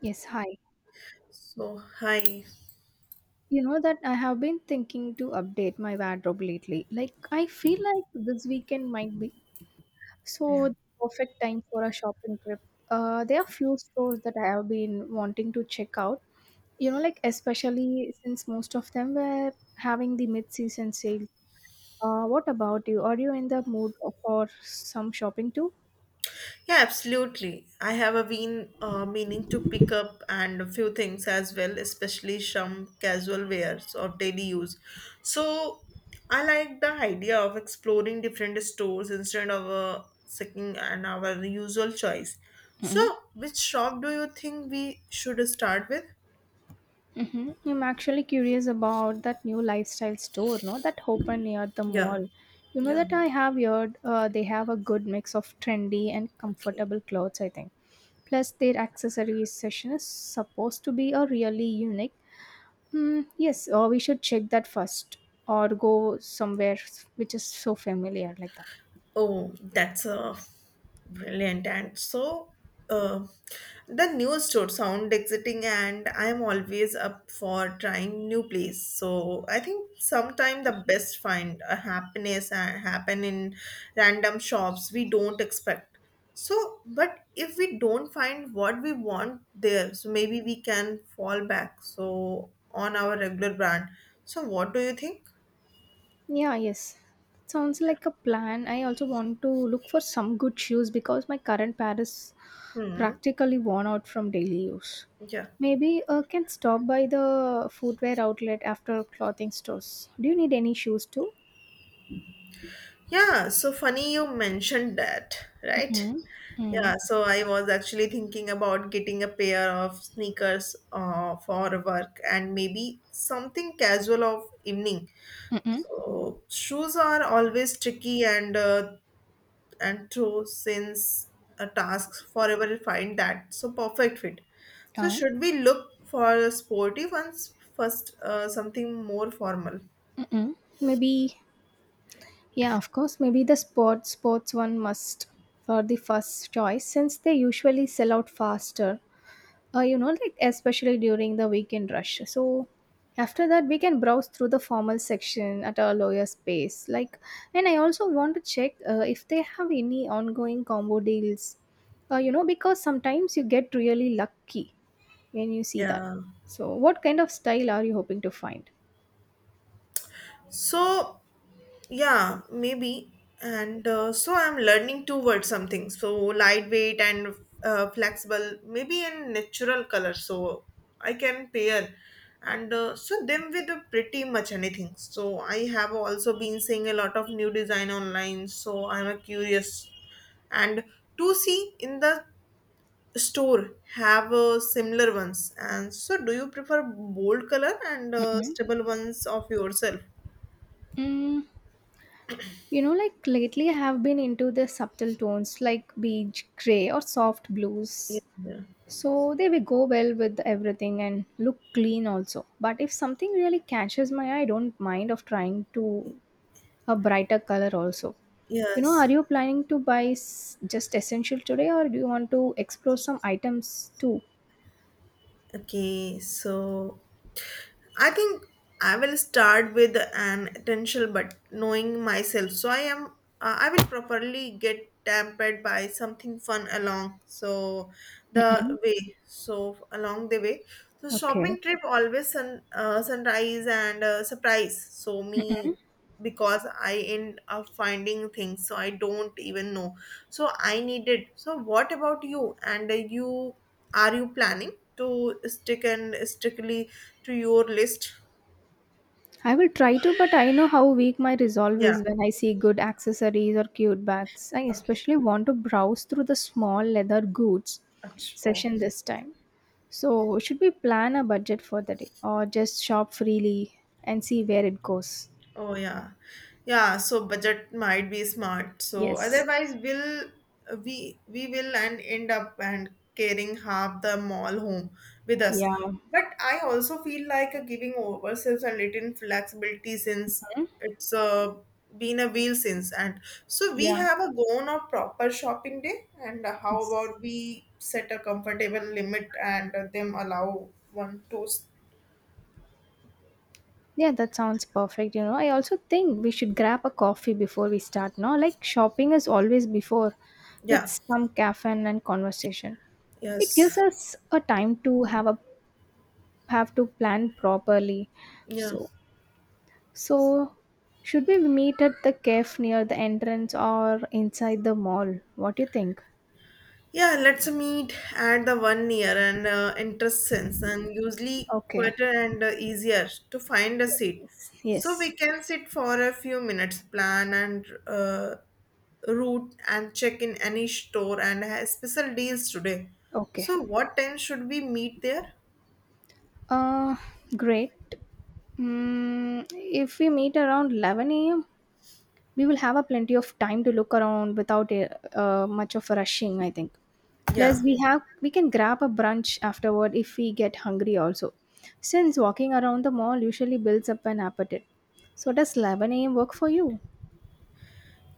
Yes, hi. So, hi. You know that I have been thinking to update my wardrobe lately. Like, I feel like this weekend might be Yeah. so the perfect time for a shopping trip. There are few stores that I have been wanting to check out. You know, like especially since most of them were having the mid-season sale. What about you? Are you in the mood for some shopping too? Yeah, absolutely. I have a been meaning to pick up and a few things as well, especially some casual wears of daily use. So, I like the idea of exploring different stores instead of sticking an our usual choice. So, which shop do you think we should start with? I'm actually curious about that new lifestyle store, no, that opened near the Yeah, mall. You know yeah. that I have heard they have a good mix of trendy and Okay. comfortable clothes, I think. Plus, their accessories session is supposed to be a really unique. Mm, yes, or we should check that first or go somewhere which is so familiar like that. Oh, that's brilliant. And so uh, the new store sound exciting. And I'm always up for trying new place. So I think sometime the best find a happiness happen in random shops we don't expect. So, but if we don't find what we want there, so maybe we can fall back. So on our regular brand. So what do you think? Yeah, yes. Sounds like a plan. I also want to look for some good shoes because my current pair is Hmm. practically worn out from daily use. Yeah. Maybe I can stop by the footwear outlet after clothing stores. Do you need any shoes too? Yeah, so funny you mentioned that, right? Mm-mm. Mm. Yeah, so I was actually thinking about getting a pair of sneakers for work and maybe something casual of evening. Mm-mm. So shoes are always tricky and true since a task forever will find that so perfect fit. So Uh, should we look for sporty ones first, something more formal? mm-mm. Maybe, yeah, of course. Maybe the sports one must for the first choice since they usually sell out faster. You know like especially during the weekend rush, so after that we can browse through the formal section at a lower space, like and I also want to check if they have any ongoing combo deals, you know, because sometimes you get really lucky when you see that. Yeah. So what kind of style are you hoping to find? So, yeah, maybe. And so I'm learning towards something. So lightweight and flexible, maybe in natural color. So I can pair and so them with pretty much anything. So I have also been seeing a lot of new design online. So I'm a curious and to see in the store have similar ones. And so do you prefer bold color and Mm-hmm. stable ones of yourself? mm, you know, like lately I have been into the subtle tones like beige, gray or soft blues. Yeah. So they will go well with everything and look clean also. But if something really catches my eye, I don't mind of trying to a brighter color also. You know, Yes. are you planning to buy just essential today or do you want to explore some items too? Okay. So I think I will start with an essential, but knowing myself, so I am. I will properly get tempered by something fun along. So the Mm-mm. way. So along the way. So Okay. shopping trip always sun sunrise and surprise. So me Mm-mm. because I end up finding things so I don't even know. So I need it. So what about you? And you are you planning to stick and strictly to your list? I will try to, but I know how weak my resolve Yeah. is when I see good accessories or cute bags. I Okay. especially want to browse through the small leather goods Ach- Oh. session this time. So, should we plan a budget for the day or just shop freely and see where it goes? Oh yeah, yeah. So budget might be smart. So Yes. otherwise, will we will and end up and carrying half the mall home with us. Yeah. But I also feel like a giving ourselves a little flexibility since Hmm? it's been a while since and so we Yeah. have a gone or proper shopping day and how It's, about we set a comfortable limit and them allow one to s- yeah, that sounds perfect. You know, I also think we should grab a coffee before we start. No, like shopping is always before with yeah, some caffeine and conversation. It gives yes, us a time to have to plan properly. yeah. So, so should we meet at the cafe near the entrance or inside the mall? What do you think? Yeah, let's meet at the one year and interest sense, and usually Okay. quieter and easier to find a Yes, seat. yes. So Yes. we can sit for a few minutes, plan and route, and check in any store and have special deals today. Okay. So, what time should we meet there? Uh, great. Mm, if we meet around 11 a.m., we will have a plenty of time to look around without much of rushing, I think. Plus, Yeah. We can grab a brunch afterward if we get hungry also. Since walking around the mall usually builds up an appetite. So does 11 a.m. work for you?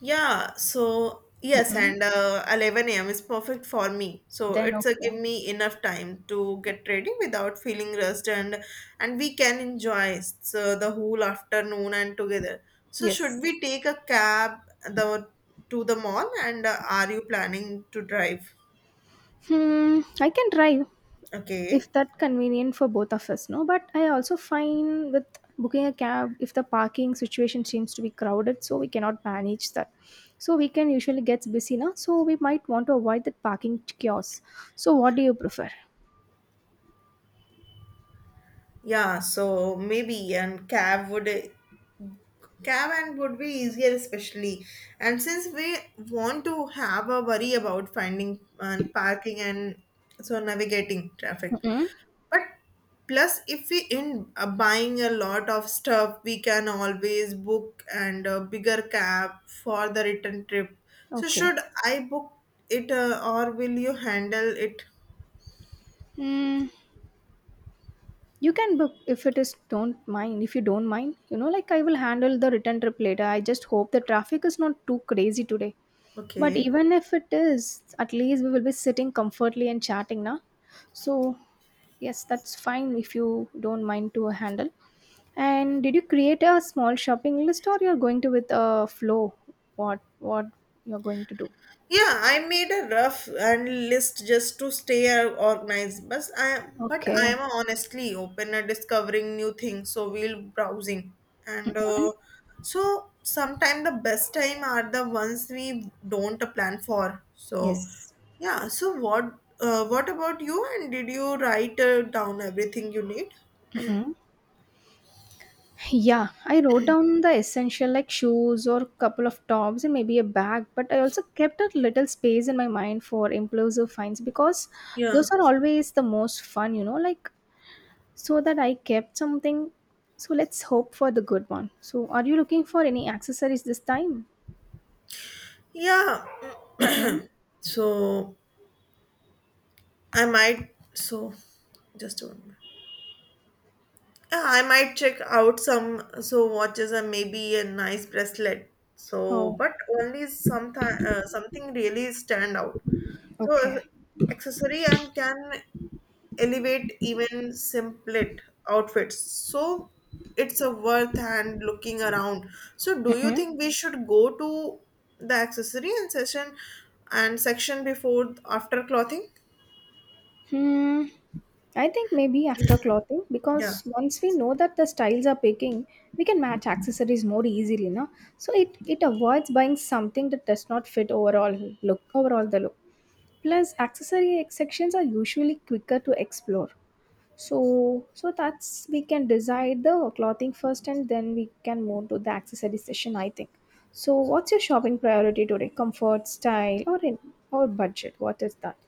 Yeah, so yes, Mm-mm. and 11 a.m. is perfect for me. So Then it's a okay. give me enough time to get ready without feeling rushed and we can enjoy so the whole afternoon and together. So should Yes. we take a cab the to the mall and are you planning to drive? Hmm. I can drive. If Okay. that convenient for both of us, no, but I also find with booking a cab if the parking situation seems to be crowded so we cannot manage that. So weekend usually gets busy now, so we might want to avoid that parking chaos. So what do you prefer? Yeah, so maybe and cab would Caravan would be easier, especially. And since we want to have a worry about finding and parking and so navigating traffic. Mm. But plus, if we in buying a lot of stuff, we can always book and a bigger cab for the return trip. So Okay. should I book it or will you handle it? Hmm. You can book if it is don't mind if you don't mind. You know, like I will handle the return trip later. I just hope the traffic is not too crazy today. But Okay. even if it is, at least we will be sitting comfortably and chatting now. So, yes, that's fine if you don't mind to handle. And did you create a small shopping list or you're going to with a flow? What you're going to do? Yeah, I made a rough and list just to stay organized. But I Okay. am honestly open at discovering new things. So we'll browsing, and Mhm. So sometimes the best time are the ones we don't plan for. So Yes. yeah. So what about you? And did you write down everything you need? Mhm. Yeah, I wrote down the essential like shoes or couple of tops and maybe a bag, but I also kept a little space in my mind for impulsive finds because Yeah. those are always the most fun, you know, like so that I kept something. So let's hope for the good one. So are you looking for any accessories this time? Yeah. Mm-mm. So I might. So just one minute. Yeah, I might check out some so watches and maybe a nice bracelet. So, Oh, but only sometime something really stand out. So, okay. Accessory and can elevate even simplet outfits. So, it's a worth and looking around. So, do you Mm-mm. think we should go to the accessory and session and section before after clothing? Hmm. I think maybe after clothing, Yeah. because once we know that the styles are picking, we can match accessories more easily, no? So it avoids buying something that does not fit overall the look. Plus, accessory sections are usually quicker to explore. So that's we can decide the clothing first and then we can move to the accessory session, I think. So what's your shopping priority today, comfort, style or in or budget? What is that?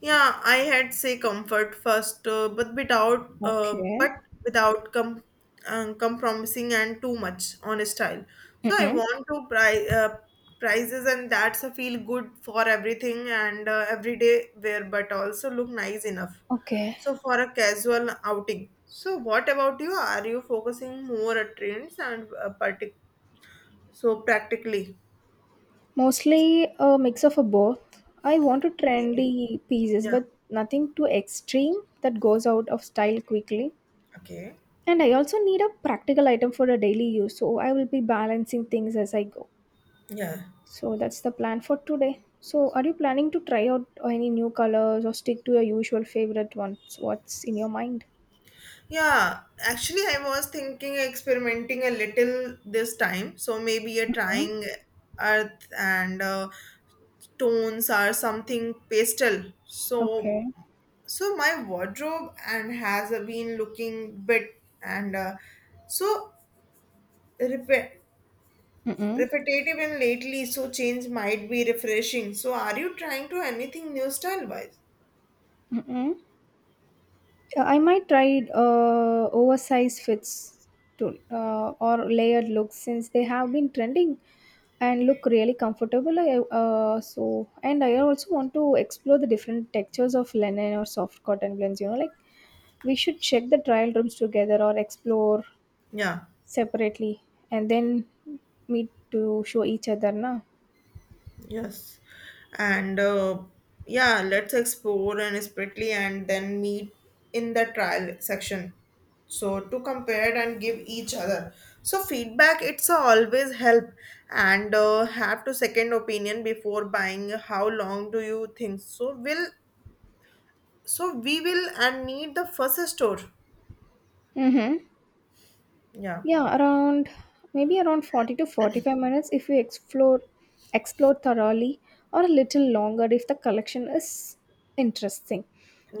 Yeah, I had say comfort first, Okay. but without compromising and too much on style. So I Mm-mm. want to prizes and that's a feel good for everything and everyday wear, but also look nice enough. Okay. So for a casual outing. So what about you? Are you focusing more at trends and so practically? Mostly a mix of a both. I want to Okay. trendy pieces Yeah. but nothing too extreme that goes out of style quickly. Okay. And I also need a practical item for a daily use, so I will be balancing things as I go. Yeah. So that's the plan for today. So are you planning to try out any new colors or stick to your usual favorite ones? What's in your mind? Yeah, actually, I was thinking experimenting a little this time. So maybe a Huh? trying earth and tones or something pastel. So, Okay. so my wardrobe and has been looking bit and so repe- Mm-mm. repetitive and lately. So change might be refreshing. So are you trying to anything new style wise? Mm-mm. I might try oversized fits or layered looks since they have been trending and look really comfortable. I, so and I also want to explore the different textures of linen or soft cotton blends. You know, like we should check the trial rooms together or explore Yeah. separately, and then meet to show each other, na? Yes, and yeah, let's explore and separately and then meet in the trial section. So to compare and give each other. So feedback it's a always help and have to second opinion before buying. How long do you think? So will so we will and need the first store. Mm-hmm. Yeah, Yeah, around maybe around 40 to 45 minutes if we explore thoroughly or a little longer if the collection is interesting.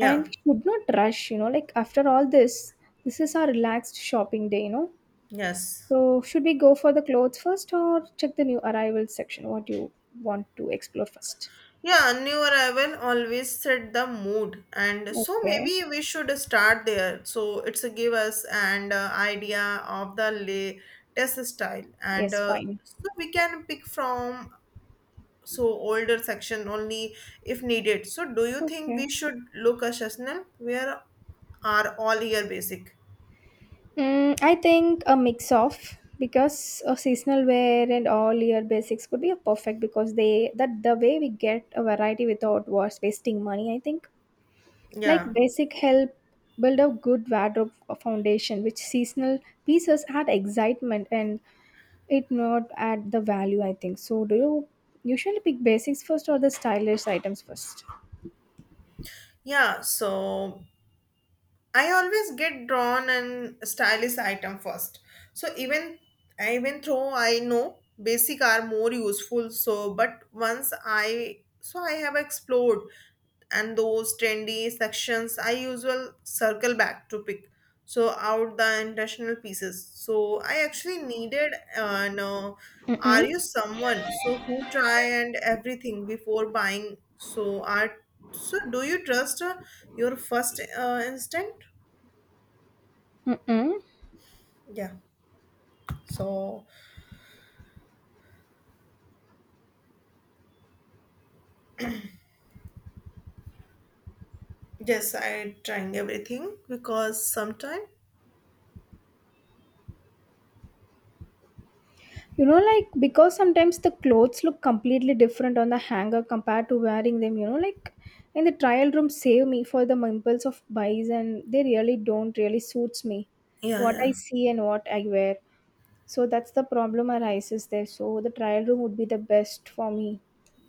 And we should not rush, you know, like after all this, this is our relaxed shopping day, you know. yes. So should we go for the clothes first or check the new arrivals section? What do you want to explore first? Yeah, new arrival always set the mood, and so Okay. maybe we should start there. So it's a give us an idea of the latest style, and Yes, fine. so we can pick from so older section only if needed. So do you think Okay. we should look a seasonal? Where are all year basic? Mm, I think a mix of because a seasonal wear and all year basics could be a perfect because they that the way we get a variety without was wasting money, I think. Like Yeah. basic help build a good wardrobe foundation, which seasonal pieces add excitement and it not add the value, I think so. Do you usually pick basics first or the stylish items first? Yeah, so I always get drawn and stylish item first. So even though I know basic are more useful, so but once I so I have explored and those trendy sections I usually circle back to pick so out the intentional pieces. So I actually needed no. Are you Mm-mm. someone so who try and everything before buying? So art so, do you trust your first instinct? Mm-mm. Yeah. So, yes, I trying everything because sometime. You know, like because sometimes the clothes look completely different on the hanger compared to wearing them, you know, like in the trial room save me for the impulse of buys and they really don't really suits me. Yeah, What I yeah, see and what I wear. So that's the problem arises there. So the trial room would be the best for me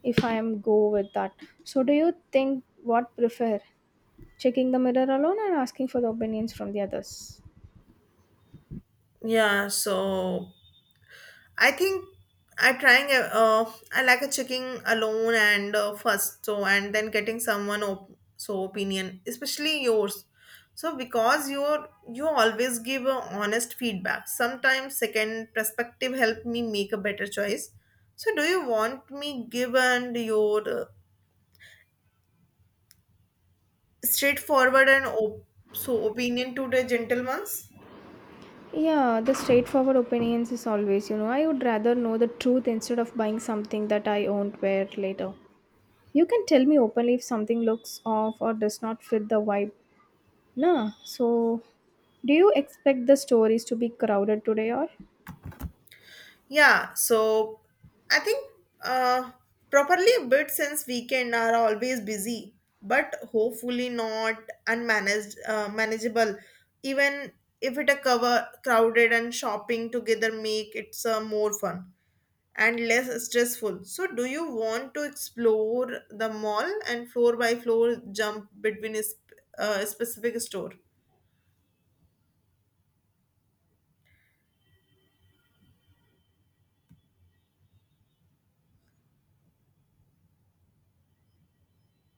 if I am go with that. So do you think what prefer? Checking the mirror alone and asking for the opinions from the others? yeah. So I think I like a checking alone and first so and then getting someone opinion especially yours so because you always give a honest feedback sometimes second perspective help me make a better choice so do you want me give and your straightforward and opinion to the gentleman's. Yeah, the straightforward opinions is always, you know, I would rather know the truth instead of buying something that I won't wear later. You can tell me openly if something looks off or does not fit the vibe. Nah, so do you expect the stories to be crowded today or? Yeah, so I think uh, properly bid since weekend are always busy, but hopefully not manageable. Even if it a cover crowded and shopping together make it more fun and less stressful. So, do you want to explore the mall and floor by floor jump between a specific store?